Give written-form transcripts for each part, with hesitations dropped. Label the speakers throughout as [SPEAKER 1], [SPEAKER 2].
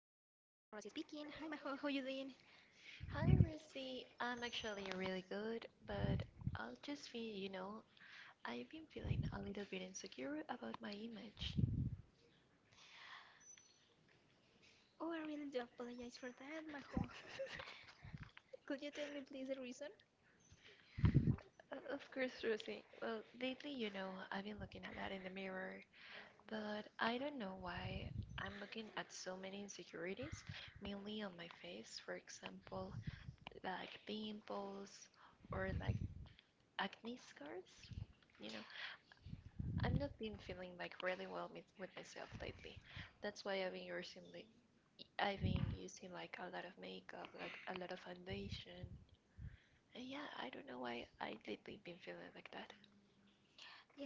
[SPEAKER 1] Majo and Rosie speaking. Hi Majo, how you doing?
[SPEAKER 2] Hi, Rosie. I'm actually really good, but I'll just be I've been feeling a little bit insecure about my image.
[SPEAKER 1] Oh, I really do apologize for that, Majo. Could you tell me please the reason?
[SPEAKER 2] Of course, Rosie. Well, lately I've been looking a lot in the mirror, but I don't know why I'm looking at so many insecurities, mainly on my face, for example, like pimples or like acne scars. You know, I've not been feeling like really well with myself lately. That's why I've been using like a lot of makeup, like a lot of foundation. And yeah, I don't know why I lately been feeling like that.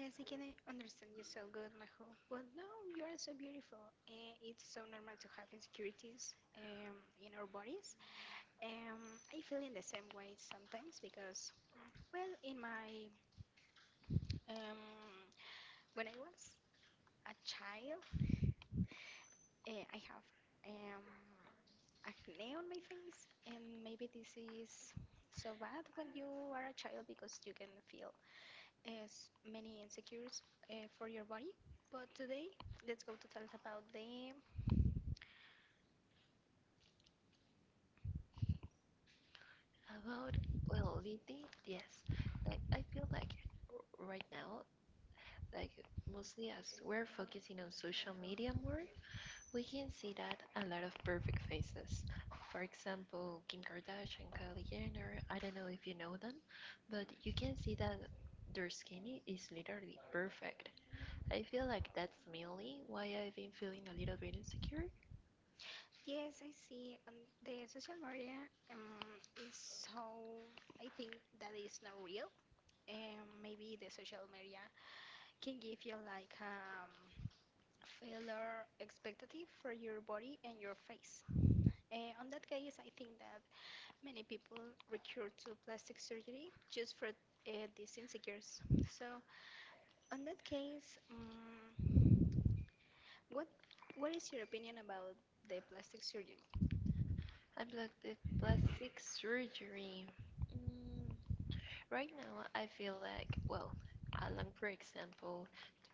[SPEAKER 1] Yes, I can understand you so good, Majo. But no, you are so beautiful. It's so normal to have insecurities in our bodies. Um, I feel in the same way sometimes because, well, in my um, when I was a child, I have um, acne on my face, and maybe this is so bad when you are a child because you can feel as many insecurities for your body. But today, let's go to talk about the
[SPEAKER 2] About, well, lately, yes. Like I feel like right now, like mostly as we're focusing on social media more, we can see that a lot of perfect faces. For example, Kim Kardashian, Kylie Jenner. I don't know if you know them, but you can see that their skin is literally perfect. I feel like that's mainly why I've been feeling a little bit insecure
[SPEAKER 1] yes, I see on the social media is so I think that is not real. And maybe the social media can give you like failure expectative for your body and your face. On that case, I think that many people recur to plastic surgery just for these insecurities. So, on that case, what what is your opinion about the plastic surgery?
[SPEAKER 2] about the plastic surgery. Mm, right now, I feel like, well, along, for example,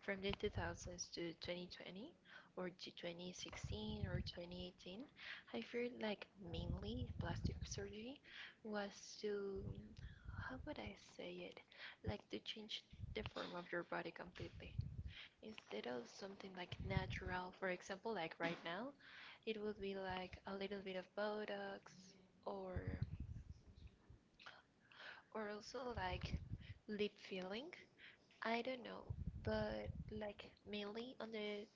[SPEAKER 2] from the 2000s to 2020, or to 2016 or 2018, I feel like mainly plastic surgery was to, how would I say it, like to change the form of your body completely. Instead of something like natural, for example, like right now, it would be like a little bit of Botox or or also like lip filling. I don't know, but like mainly on the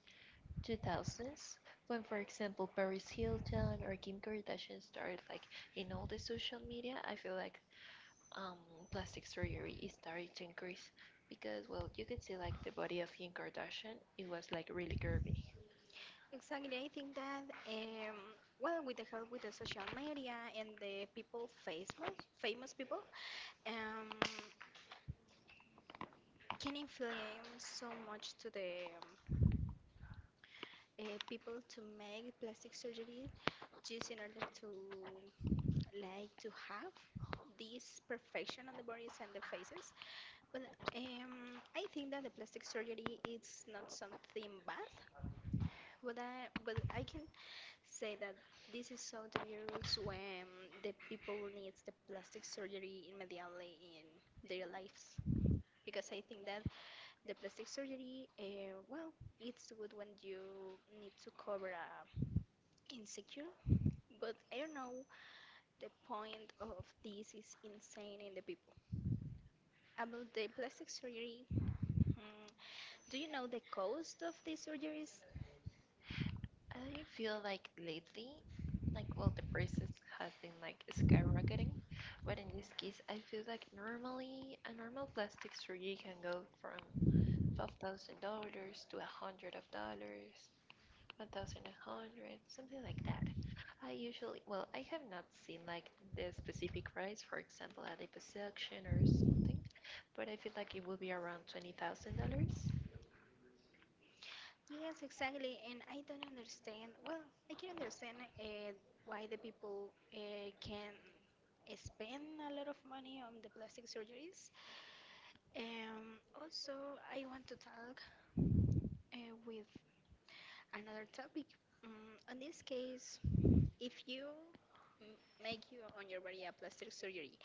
[SPEAKER 2] 2000s, when for example Paris Hilton or Kim Kardashian started like in all the social media, I feel like um, plastic surgery is starting to increase because well, you could see like the body of Kim Kardashian, it was like really curvy.
[SPEAKER 1] Exactly, I think that well, with the help with the social media and the people famous people, um, can influence so much to the people to make plastic surgery just in order to like to have this perfection on the bodies and the faces. Well, I think that the plastic surgery is not something bad, but I can say that this is so dangerous when the people needs the plastic surgery immediately in their lives. Because I think that the plastic surgery, well, it's good when you need to cover a insecure, but I don't know the point of this is insane in the people. About the plastic surgery, hmm, do you know the cost of these surgeries?
[SPEAKER 2] I feel like lately, like, well, the prices has been like skyrocketing, but in this case, I feel like normally a normal plastic surgery can go from $5,000 to a hundred of dollars, 1,000 a hundred, something like that. I usually, well, I have not seen like the specific price, for example, a liposuction or something, but I feel like it will be around $20,000.
[SPEAKER 1] Yes, exactly. And I don't understand. Well, I can understand why the people can spend a lot of money on the plastic surgeries. Also, I want to talk with another topic. In this case, if you m- make you on your body a plastic surgery,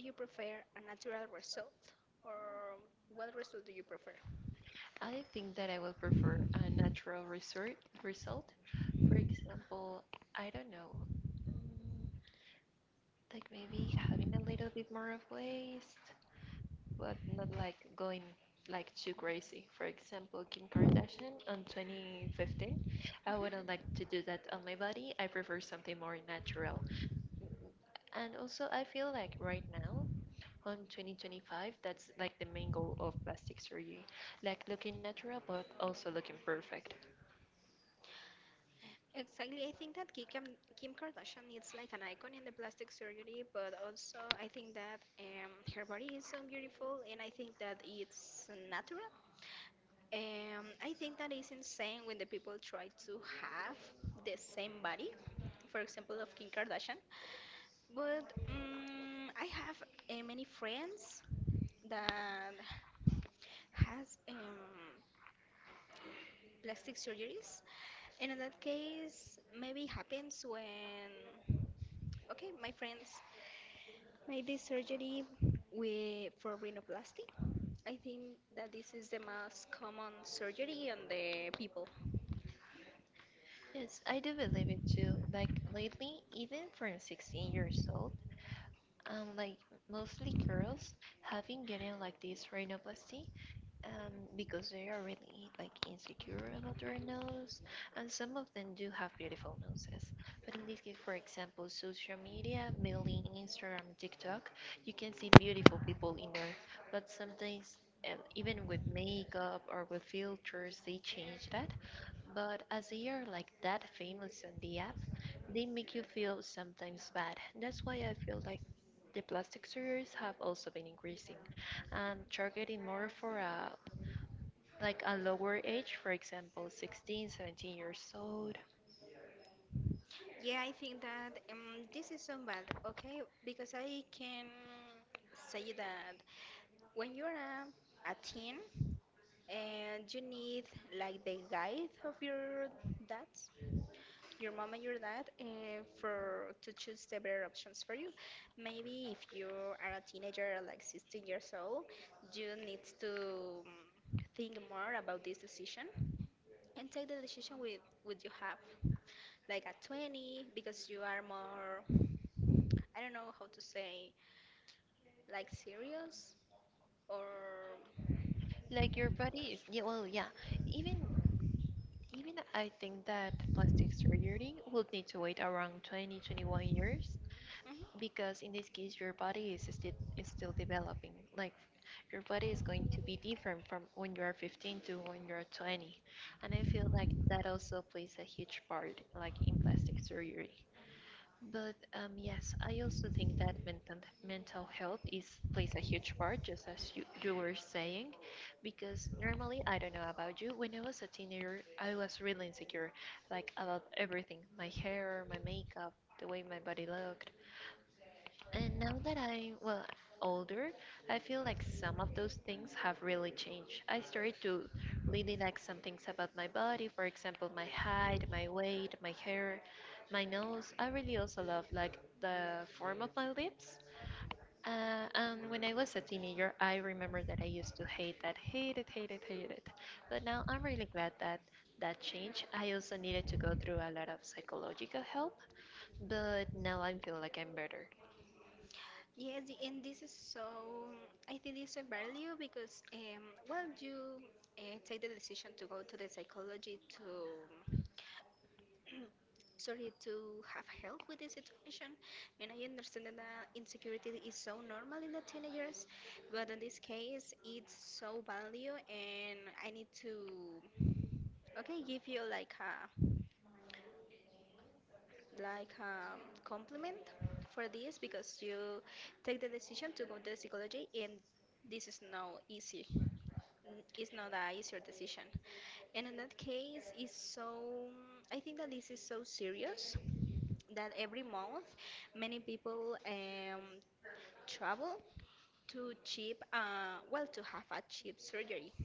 [SPEAKER 1] do you prefer a natural result or what result do you prefer?
[SPEAKER 2] I think that I will prefer a natural resort result. For example, I don't know, mm, like maybe having a little bit more of waste, but not like going like too crazy. For example, Kim Kardashian on 2015, I
[SPEAKER 1] Mhm.
[SPEAKER 2] wouldn't like to do that on my body. I prefer something more natural. And also, I feel like right now, on 2025, that's like the main goal of plastic surgery, like looking natural but also looking perfect.
[SPEAKER 1] Exactly. I think that Kim, Kim Kardashian is like an icon in the plastic surgery, but also I think that her body is so beautiful and I think that it's natural. I think that is insane when the people try to have the same body, for example, of Kim Kardashian. But I have many friends that has plastic surgeries, and in that case, maybe happens when okay, my friends made this surgery with, for rhinoplasty. I think that this is the most common surgery on the people.
[SPEAKER 2] Yes, I do believe it too. Like lately, even from 16 years old, like mostly girls have been getting like this rhinoplasty, because they are really like insecure about their nose, and some of them do have beautiful noses. But in this case, for example, social media, mainly Instagram, TikTok, you can see beautiful people in there, but sometimes. Even with makeup or with filters, they change that. But as they are like that famous on the app, they make you feel sometimes bad. That's why I feel like the plastic surgeries have also been increasing and targeting more for a like a lower age, for example, 16, 17 years old.
[SPEAKER 1] Yeah, I think that this is so bad, okay? Because I can say that when you're a teen and you need like the guide of your dads, your mom and your dad for to choose the better options for you. Maybe if you are a teenager, like 16 years old, you need to think more about this decision and take the decision with you have, like at 20, because you are more, I don't know how to say, like serious or.
[SPEAKER 2] Like your body is, yeah, well, yeah. Even even I think that plastic surgery would need to wait around 20, 21 years because in
[SPEAKER 1] Mhm.
[SPEAKER 2] this case your body is still developing. Like your body is going to be different from when you are 15 to when you are 20. And I feel like that also plays a huge part like in plastic surgery. But yes, I also think that mental health is plays a huge part, just as you were saying, because normally I don't know about you. When I was a teenager, I was really insecure, like about everything, my hair, my makeup, the way my body looked, and now that I'm, well, older, I feel like some of those things have really changed. I started to really like some things about my body, for example, my height, my weight, my hair, my nose. I really also love like the form of my lips. And when I was a teenager, I remember that I used to hate that, hate it, hate it, hate it. But now I'm really glad that that changed. I also needed to go through a lot of psychological help, but now I feel like I'm better.
[SPEAKER 1] Yes, and this is so. I think it's a value because, well, you take the decision to go to the psychology to, sorry, to have help with the situation. And I understand that insecurity is so normal in the teenagers, but in this case, it's so value, and I need to, okay, give you like a like compliment for this because you take the decision to go to psychology and this is not easy. It's not a easier decision and in that case it's so I think that this is so serious that every month many people travel to cheap well to have a cheap surgery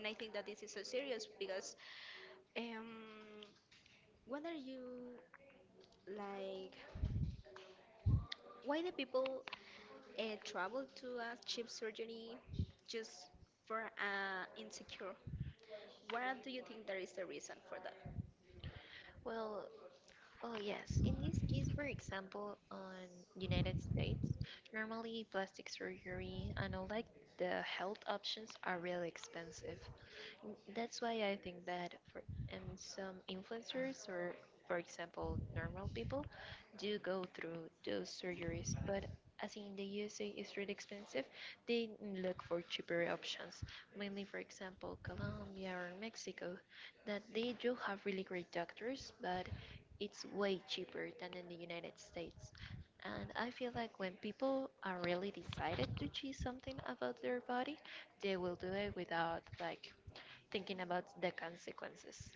[SPEAKER 1] and I think that this is so serious because um, what are you like why the people travel to a cheap surgery just for insecure. What do you think there is the reason for that?
[SPEAKER 2] Well, oh, yes. In this case, for example, on United States, normally plastic surgery and all like the health options are really expensive. That's why I think that for some influencers or, for example, normal people do go through those surgeries, but as in the USA is really expensive, they look for cheaper options, mainly, for example, Colombia or Mexico that they do have really great doctors, but it's way cheaper than in the United States. And I feel like when people are really decided to choose something about their body, they will do it without like thinking about the consequences.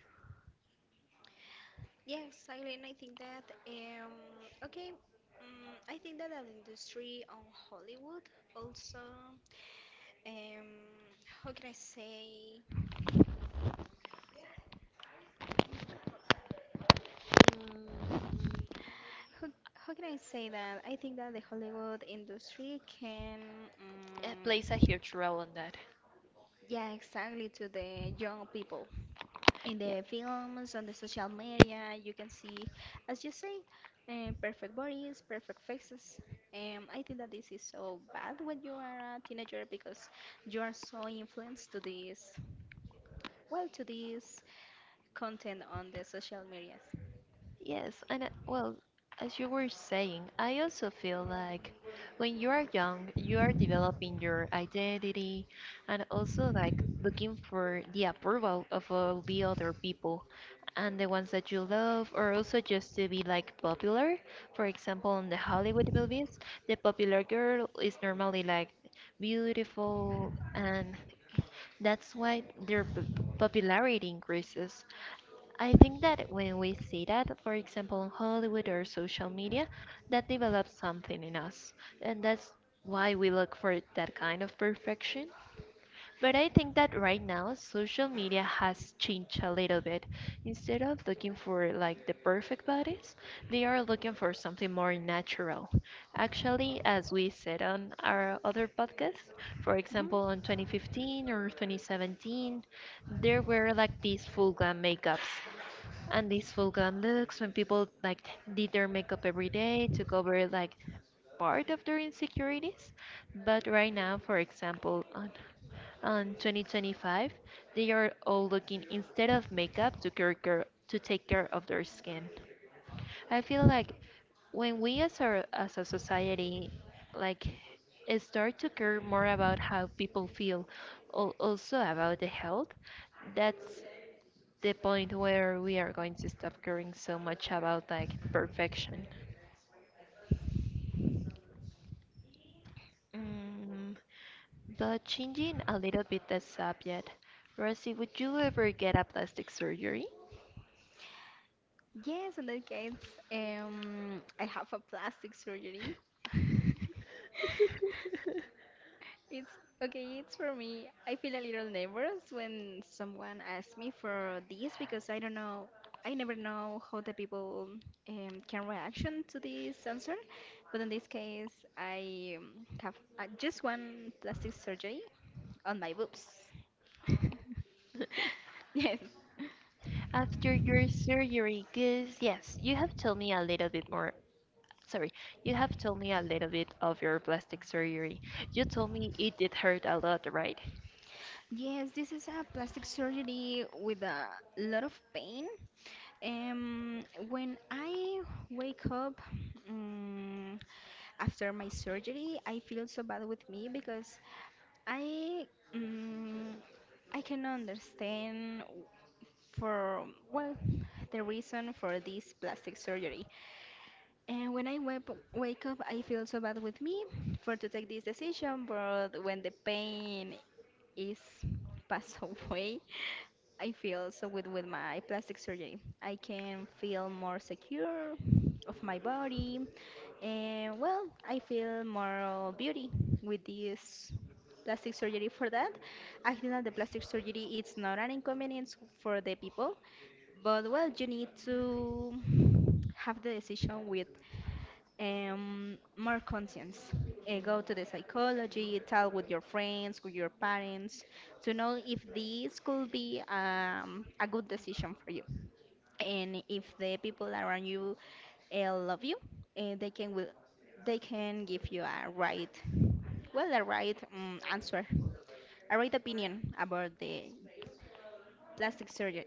[SPEAKER 1] Yes, Eileen, I think that okay, I think that the industry on Hollywood also um how can I say
[SPEAKER 2] Mm,
[SPEAKER 1] how, how can I say that? I think that the Hollywood industry can
[SPEAKER 2] it
[SPEAKER 1] um,
[SPEAKER 2] plays a huge role in that.
[SPEAKER 1] yeah exactly to the young people in
[SPEAKER 2] Yeah,
[SPEAKER 1] the films, on the social media, you can see, as you say, perfect bodies, perfect faces. I think that this is so bad when you are a teenager because you are so influenced to this, well, to this content on the social medias.
[SPEAKER 2] yes, and I, well, as you were saying, I also feel like when you are young, you are developing your identity and also like looking for the approval of all the other people and the ones that you love, or also just to be like popular. For example, in the Hollywood movies, the popular girl is normally like beautiful and that's why their popularity increases. I think that when we see that, for example, on Hollywood or social media, that develops something in us. And that's why we look for that kind of perfection. But I think that right now social media has changed a little bit. Instead of looking for like the perfect bodies, they are looking for something more natural. Actually, as we said on our other podcast, for
[SPEAKER 1] Mhm.
[SPEAKER 2] example, on 2015 or 2017, there were like these full glam makeups and these full glam looks when people like did their makeup every day, took over like part of their insecurities. But right now, for example, on 2025, they are all looking instead of makeup to take care of their skin. I feel like when we as a society like start to care more about how people feel, also about the health, that's the point where we are going to stop caring so much about like perfection. Mm, But changing a little bit the subject, Rosie, would you ever get a plastic surgery?
[SPEAKER 1] Yes, in that case, I have a plastic surgery. It's okay, it's for me. I feel a little nervous when someone asks me for this because I don't know, I never know how the people can reaction to this answer. But in this case, I have just one plastic surgery on my boobs. Yes.
[SPEAKER 2] After your surgery, because yes, you have told me a little bit more. Sorry, you have told me a little bit of your plastic surgery. You told me it did hurt a lot, right?
[SPEAKER 1] Yes, this is a plastic surgery with a lot of pain. When I wake up, after my surgery I feel so bad with me because I mm, I can understand for well the reason for this plastic surgery and when I wake up I feel so bad with me for to take this decision but when the pain is passed away I feel so with my plastic surgery. I can feel more secure of my body. And well, I feel more beauty with this plastic surgery for that. I think that the plastic surgery it's not an inconvenience for the people, but well, you need to have the decision with more conscience. Go to the psychology, talk with your friends, with your parents, to know if this could be a good decision for you and if the people around you love you, they can will they can give you a right, well, a right answer, a right opinion about the plastic surgery.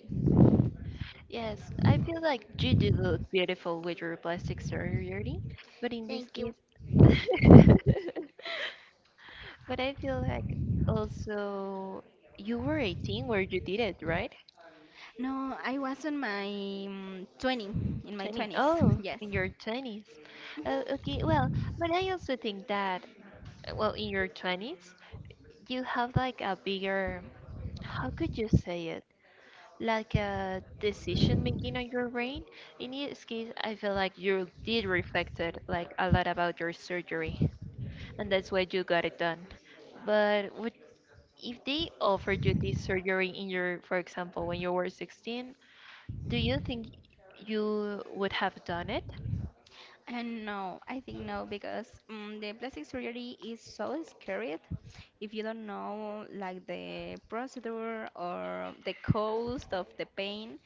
[SPEAKER 2] Yes, I feel like you did look beautiful with your plastic surgery, but in this
[SPEAKER 1] Thank you.
[SPEAKER 2] case, but I feel like also you were 18 where you did it, right?
[SPEAKER 1] No, I was in my 20, in my
[SPEAKER 2] 20.
[SPEAKER 1] 20s,
[SPEAKER 2] Oh,
[SPEAKER 1] yes.
[SPEAKER 2] in your 20s. Okay,
[SPEAKER 1] Mhm.
[SPEAKER 2] well, but I also think that, well, in your 20s, you have like a bigger, how could you say it? Like a decision making on your brain. In this case, I feel like you did reflected like a lot about your surgery, and that's why you got it done. But with If they offered you this surgery in your, for example, when you were 16, do you think you would have done it?
[SPEAKER 1] And no, I think no, because the plastic surgery is so scary. If you don't know like the procedure or the cost of the pain,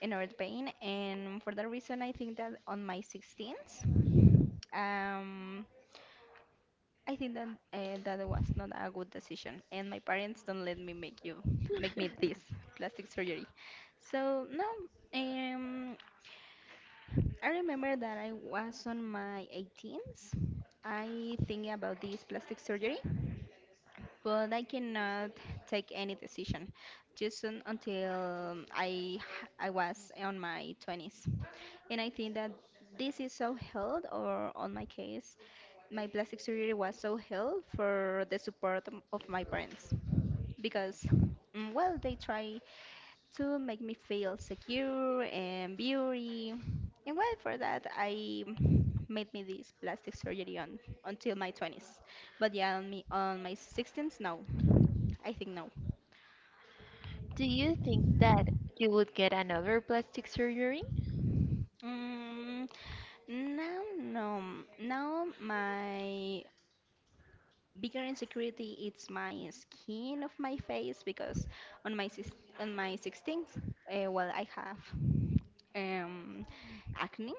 [SPEAKER 1] in North Spain, and for that reason, I think that on my 16th, um, I think that that was not a good decision, and my parents don't let me make you make me this plastic surgery. So no, um, I remember that I was on my 18th. I think about this plastic surgery, but I cannot take any decision just un until I was on my 20s. And I think that this is so held, or on my case, my plastic surgery was so held for the support of my parents because, well, they try to make me feel secure and beauty. And well, for that, I made me this plastic surgery on until my 20s. But yeah, on my sixteens no, I think no.
[SPEAKER 2] Do you think that you would get another plastic surgery?
[SPEAKER 1] Mm, Now, no, now my bigger insecurity it's my skin of my face because on my sis- on my 16th well I have um acne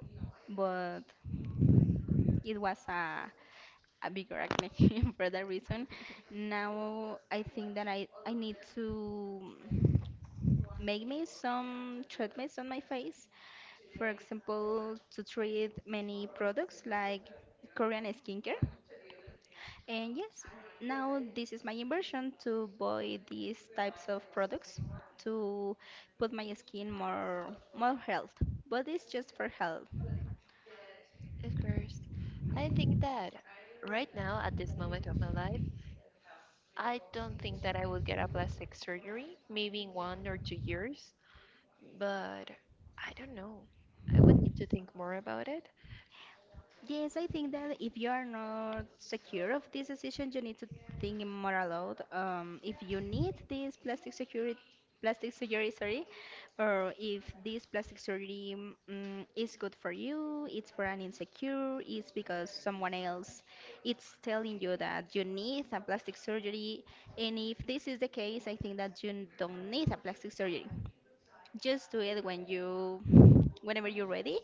[SPEAKER 1] but it was a bigger acne for that reason now I think that I need to make me some treatments on my face, for example to treat many products like Korean skincare. And yes, now this is my inversion to buy these types of products to put my skin more health. But it's just for health.
[SPEAKER 2] Of course. I think that right now, at this moment of my life, I don't think that I would get a plastic surgery, maybe in 1 or 2 years, but I don't know. I would need to think more about it.
[SPEAKER 1] Yes, I think that if you are not secure of this decision, you need to think more aloud. If you need this plastic security, plastic surgery, sorry, or if this plastic surgery is good for you, it's for an insecure, it's because someone else, it's telling you that you need a plastic surgery. And if this is the case, I think that you don't need a plastic surgery. Just do it when you, whenever you're ready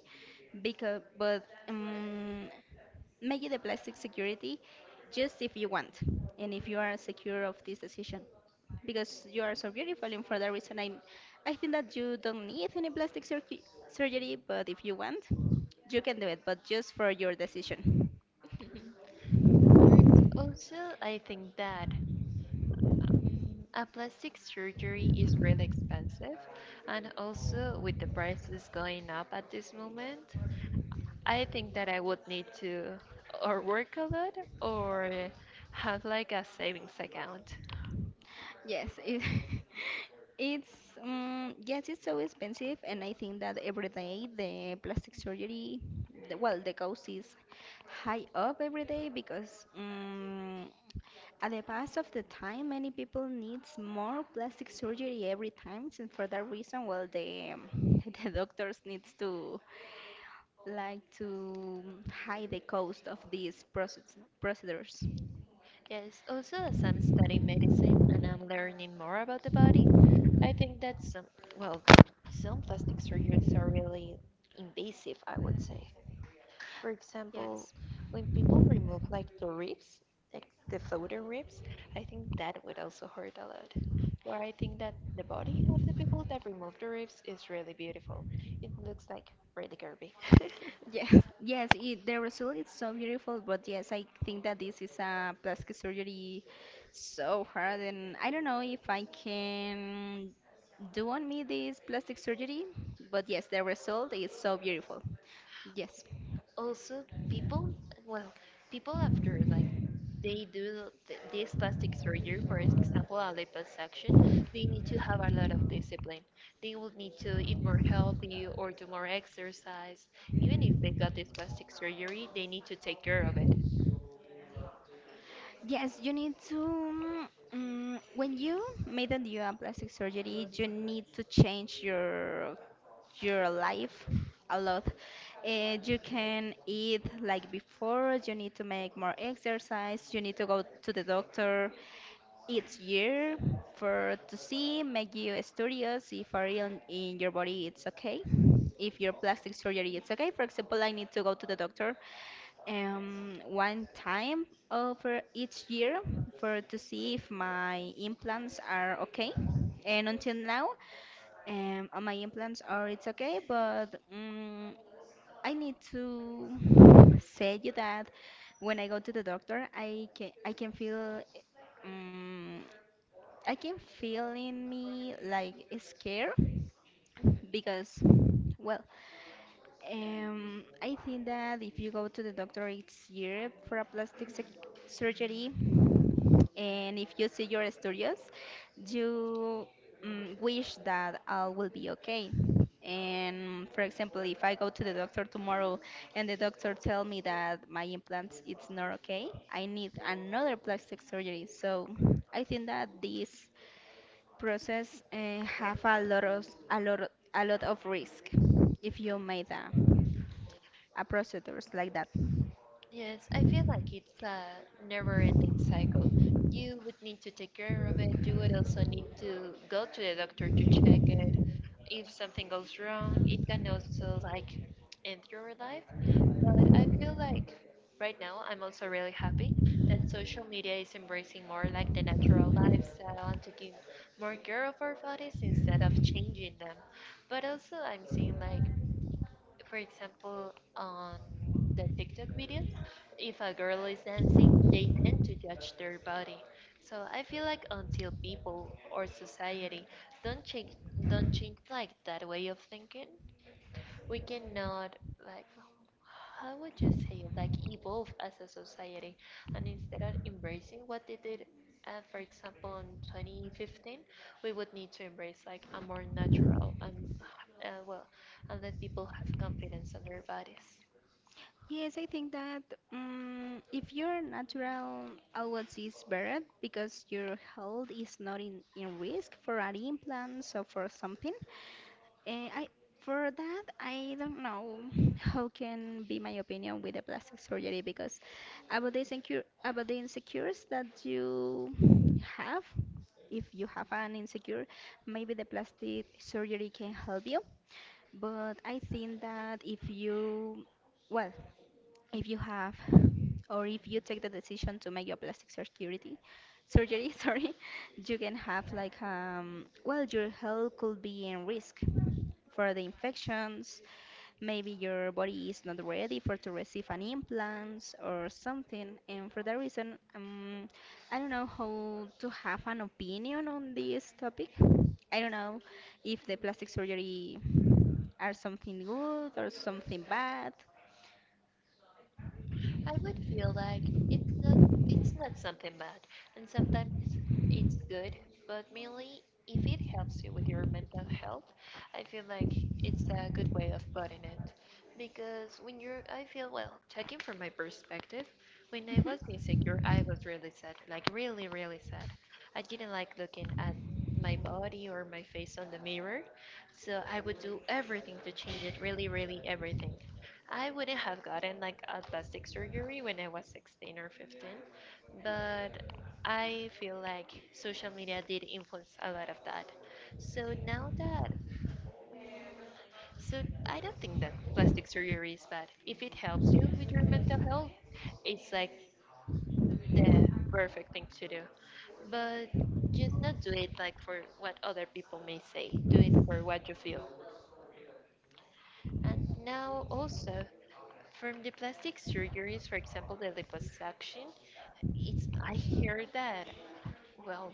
[SPEAKER 1] because but make it a plastic security just if you want and if you are secure of this decision because you are so beautiful and for that reason I think that you don't need any plastic surgery surgery but if you want you can do it but just for your decision.
[SPEAKER 2] Great. Also, I think that A plastic surgery is really expensive, and also with the prices going up at this moment, I think that I would need to or work a lot or have like a savings account.
[SPEAKER 1] Yes it, it's yes it's so expensive and I think that every day the plastic surgery the, well the cost is high up every day because at the pass of the time, many people needs more plastic surgery every time, and for that reason, well, the the doctors needs to like to hide the cost of these process, procedures.
[SPEAKER 2] Yes, also as I'm studying medicine and I'm learning more about the body, I think that some, well, some plastic surgeries are really invasive, I would say. For example,
[SPEAKER 1] Yes.
[SPEAKER 2] when people remove like the ribs, like the floating ribs, I think that would also hurt a lot. Where I think that the body of the people that remove the ribs is really beautiful. It looks like really curvy.
[SPEAKER 1] Yes, yes, it, the result is so beautiful, but yes, I think that this is a plastic surgery so hard, and I don't know if I can do on me this plastic surgery, but yes, the result is so beautiful. Yes.
[SPEAKER 2] Also, people, well, people after like they do this plastic surgery, for example a liposuction, they need to have a lot of discipline. They will need to eat more healthy or do more exercise. Even if they got this plastic surgery, they need to take care of it.
[SPEAKER 1] Yes, you need to. When you made a new and plastic surgery, you need to change your life a lot. You can eat like before. You need to make more exercise. You need to go to the doctor each year for to see make you studios if a real in your body it's okay, if your plastic surgery it's okay. For example, I need to go to the doctor one time over each year for to see if my implants are okay. And until now, all my implants are it's okay, but I need to say you that when I go to the doctor I can feel mm, I can feel in me like scared, because, well, I think that if you go to the doctor each year for a surgery, and if you see your studios, you wish that all will be okay. And for example, if I go to the doctor tomorrow and the doctor tell me that my implants it's not okay, I need another plastic surgery. So I think that this process have a lot of a lot of risk if you made a procedures like that.
[SPEAKER 2] Yes, I feel like it's a never-ending cycle. You would need to take care of it. You would also need to go to the doctor to check it. If something goes wrong, it can also like end your life. But I feel like right now I'm also really happy that social media is embracing more like the natural lifestyle and taking more care of our bodies instead of changing them. But also I'm seeing like, for example, on the TikTok videos, if a girl is dancing, they tend to judge their body. So I feel like until people or society don't change, don't change like that way of thinking, we cannot, like, how would you say it, like, evolve as a society. And instead of embracing what they did, for example, in 2015, we would need to embrace, like, a more natural, and uh, well, and let people have confidence on their bodies.
[SPEAKER 1] Yes, I think that if you're natural, always is better because your health is not in, in risk for an implant or for something. Eh, I for that I don't know how can be my opinion with the plastic surgery because about the insecure about the insecures that you have, if you have an insecure, maybe the plastic surgery can help you. But I think that if you well if you have or if you take the decision to make your plastic surgery surgery sorry, you can have like well your health could be in risk for the infections. Maybe your body is not ready for to receive an implant or something, and for that reason I don't know how to have an opinion on this topic. I don't know if the plastic surgery are something good or something bad.
[SPEAKER 2] I would feel like it's not, it's not something bad, and sometimes it's good, but mainly if it helps you with your mental health, I feel like it's a
[SPEAKER 1] Mhm.
[SPEAKER 2] good way of putting it. Because when you're, I feel, well, checking from my perspective, when I was insecure, I was really sad, like really, really sad. I didn't like looking at my body or my face on the mirror, so I would do everything to change it, really, really everything. I wouldn't have gotten like a plastic surgery when I was 16 or 15, but I feel like social media did influence a lot of that. So now that, so I don't think that plastic surgery is bad. If it helps you with your mental health, it's like the perfect thing to do. But just not do it like for what other people may say, do it for what you feel. And now also from the plastic surgeries, for example, the liposuction, it's, I hear that, well,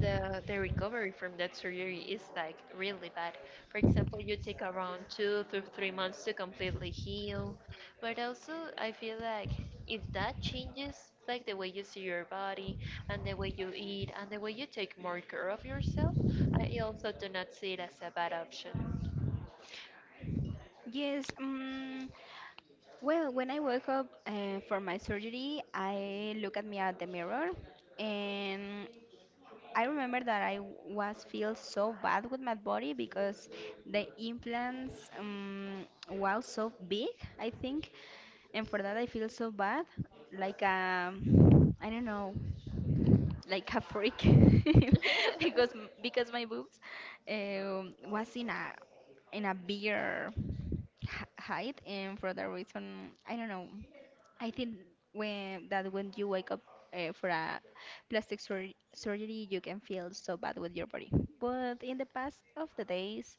[SPEAKER 2] the recovery from that surgery is like really bad. For example, you take around 2 to 3 months to completely heal. But also I feel like if that changes like the way you see your body and the way you eat and the way you take more care of yourself, I also do not see it as a bad option.
[SPEAKER 1] Yes, well, when I woke up for my surgery, I look at me at the mirror, and I remember that I was feel so bad with my body because the implants was so big, I think, and for that I feel so bad, like I don't know, like a freak, because my boobs was in a bigger h- height, and for that reason I don't know, I think when you wake up for a plastic sur surgery, you can feel so bad with your body. But in the past of the days,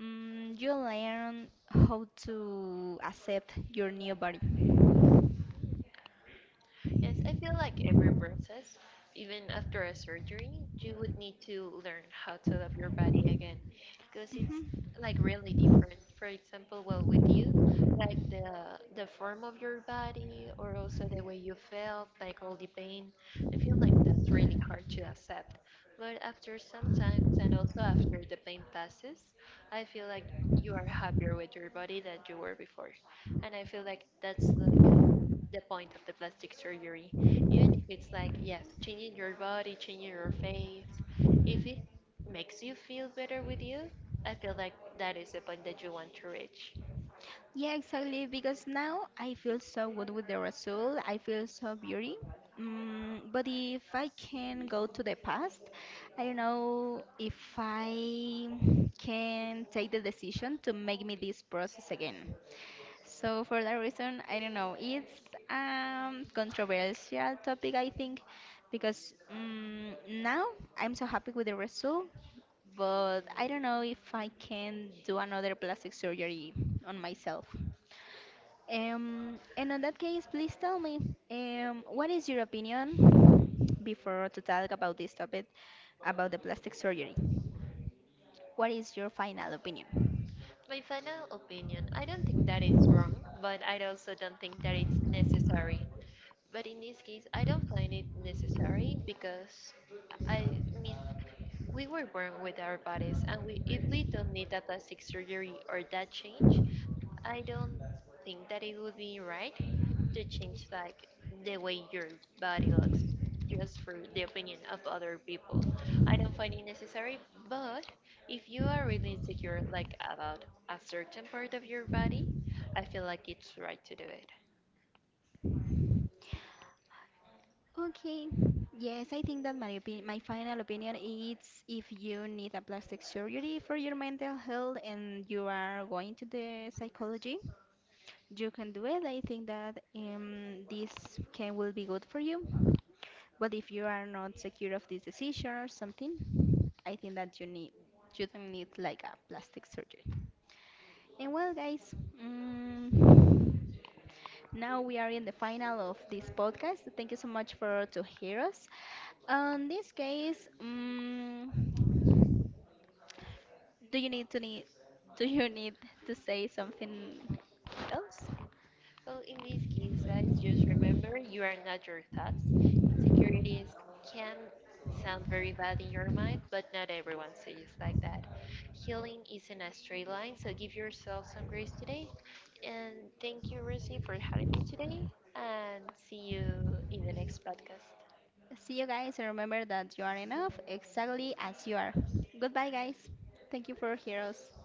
[SPEAKER 1] you learn how to accept your new body.
[SPEAKER 2] Yes, I feel like every process, even after a surgery, you would need to learn how to love your body again because it's
[SPEAKER 1] Mhm.
[SPEAKER 2] like really different. For example, well, with you, like the form of your body or also the way you felt, like all the pain, I feel like that's really hard to accept. But after some time and also after the pain passes, I feel like you are happier with your body than you were before. And I feel like that's the point of the plastic surgery. Even if it's like, yes, changing your body, changing your face, if it makes you feel better with you, I feel like that is the point that you want to reach.
[SPEAKER 1] Yeah, exactly. Because now I feel so good with the result. I feel so beauty. But if I can go to the past, I don't know if I can take the decision to make me this process again. So for that reason, I don't know. It's controversial topic, I think, because now I'm so happy with the result, but I don't know if I can do another plastic surgery on myself. And on that case, please tell me, what is your opinion before to talk about this topic, about the plastic surgery? What is your final opinion?
[SPEAKER 2] My final opinion, I don't think that it's wrong, but I also don't think that it's necessary. But in this case, I don't find it necessary because I mean, we were born with our bodies, and we, if we don't need that plastic surgery or that change, I don't think that it would be right to change like the way your body looks just for the opinion of other people. I don't find it necessary, but if you are really insecure like about a certain part of your body, I feel like it's right to do it.
[SPEAKER 1] Okay. Yes, I think that my opinion, my final opinion is if you need a plastic surgery for your mental health and you are going to the psychology, you can do it. I think that this can will be good for you. But if you are not secure of this decision or something, I think that you don't need like a plastic surgery. And well, guys, mm now we are in the final of this podcast. Thank you so much for to hear us. In this case, do you need to need do you need to say something else?
[SPEAKER 2] Well, in this case, guys, just remember you are not your thoughts. Securities can sound very bad in your mind, but not everyone sees like that. Healing isn't a straight line, so give yourself some grace today. And thank you, Rosie, for having me today. And see you in the next podcast.
[SPEAKER 1] See you guys and remember that you are enough exactly as you are. Goodbye guys. Thank you for hearing us.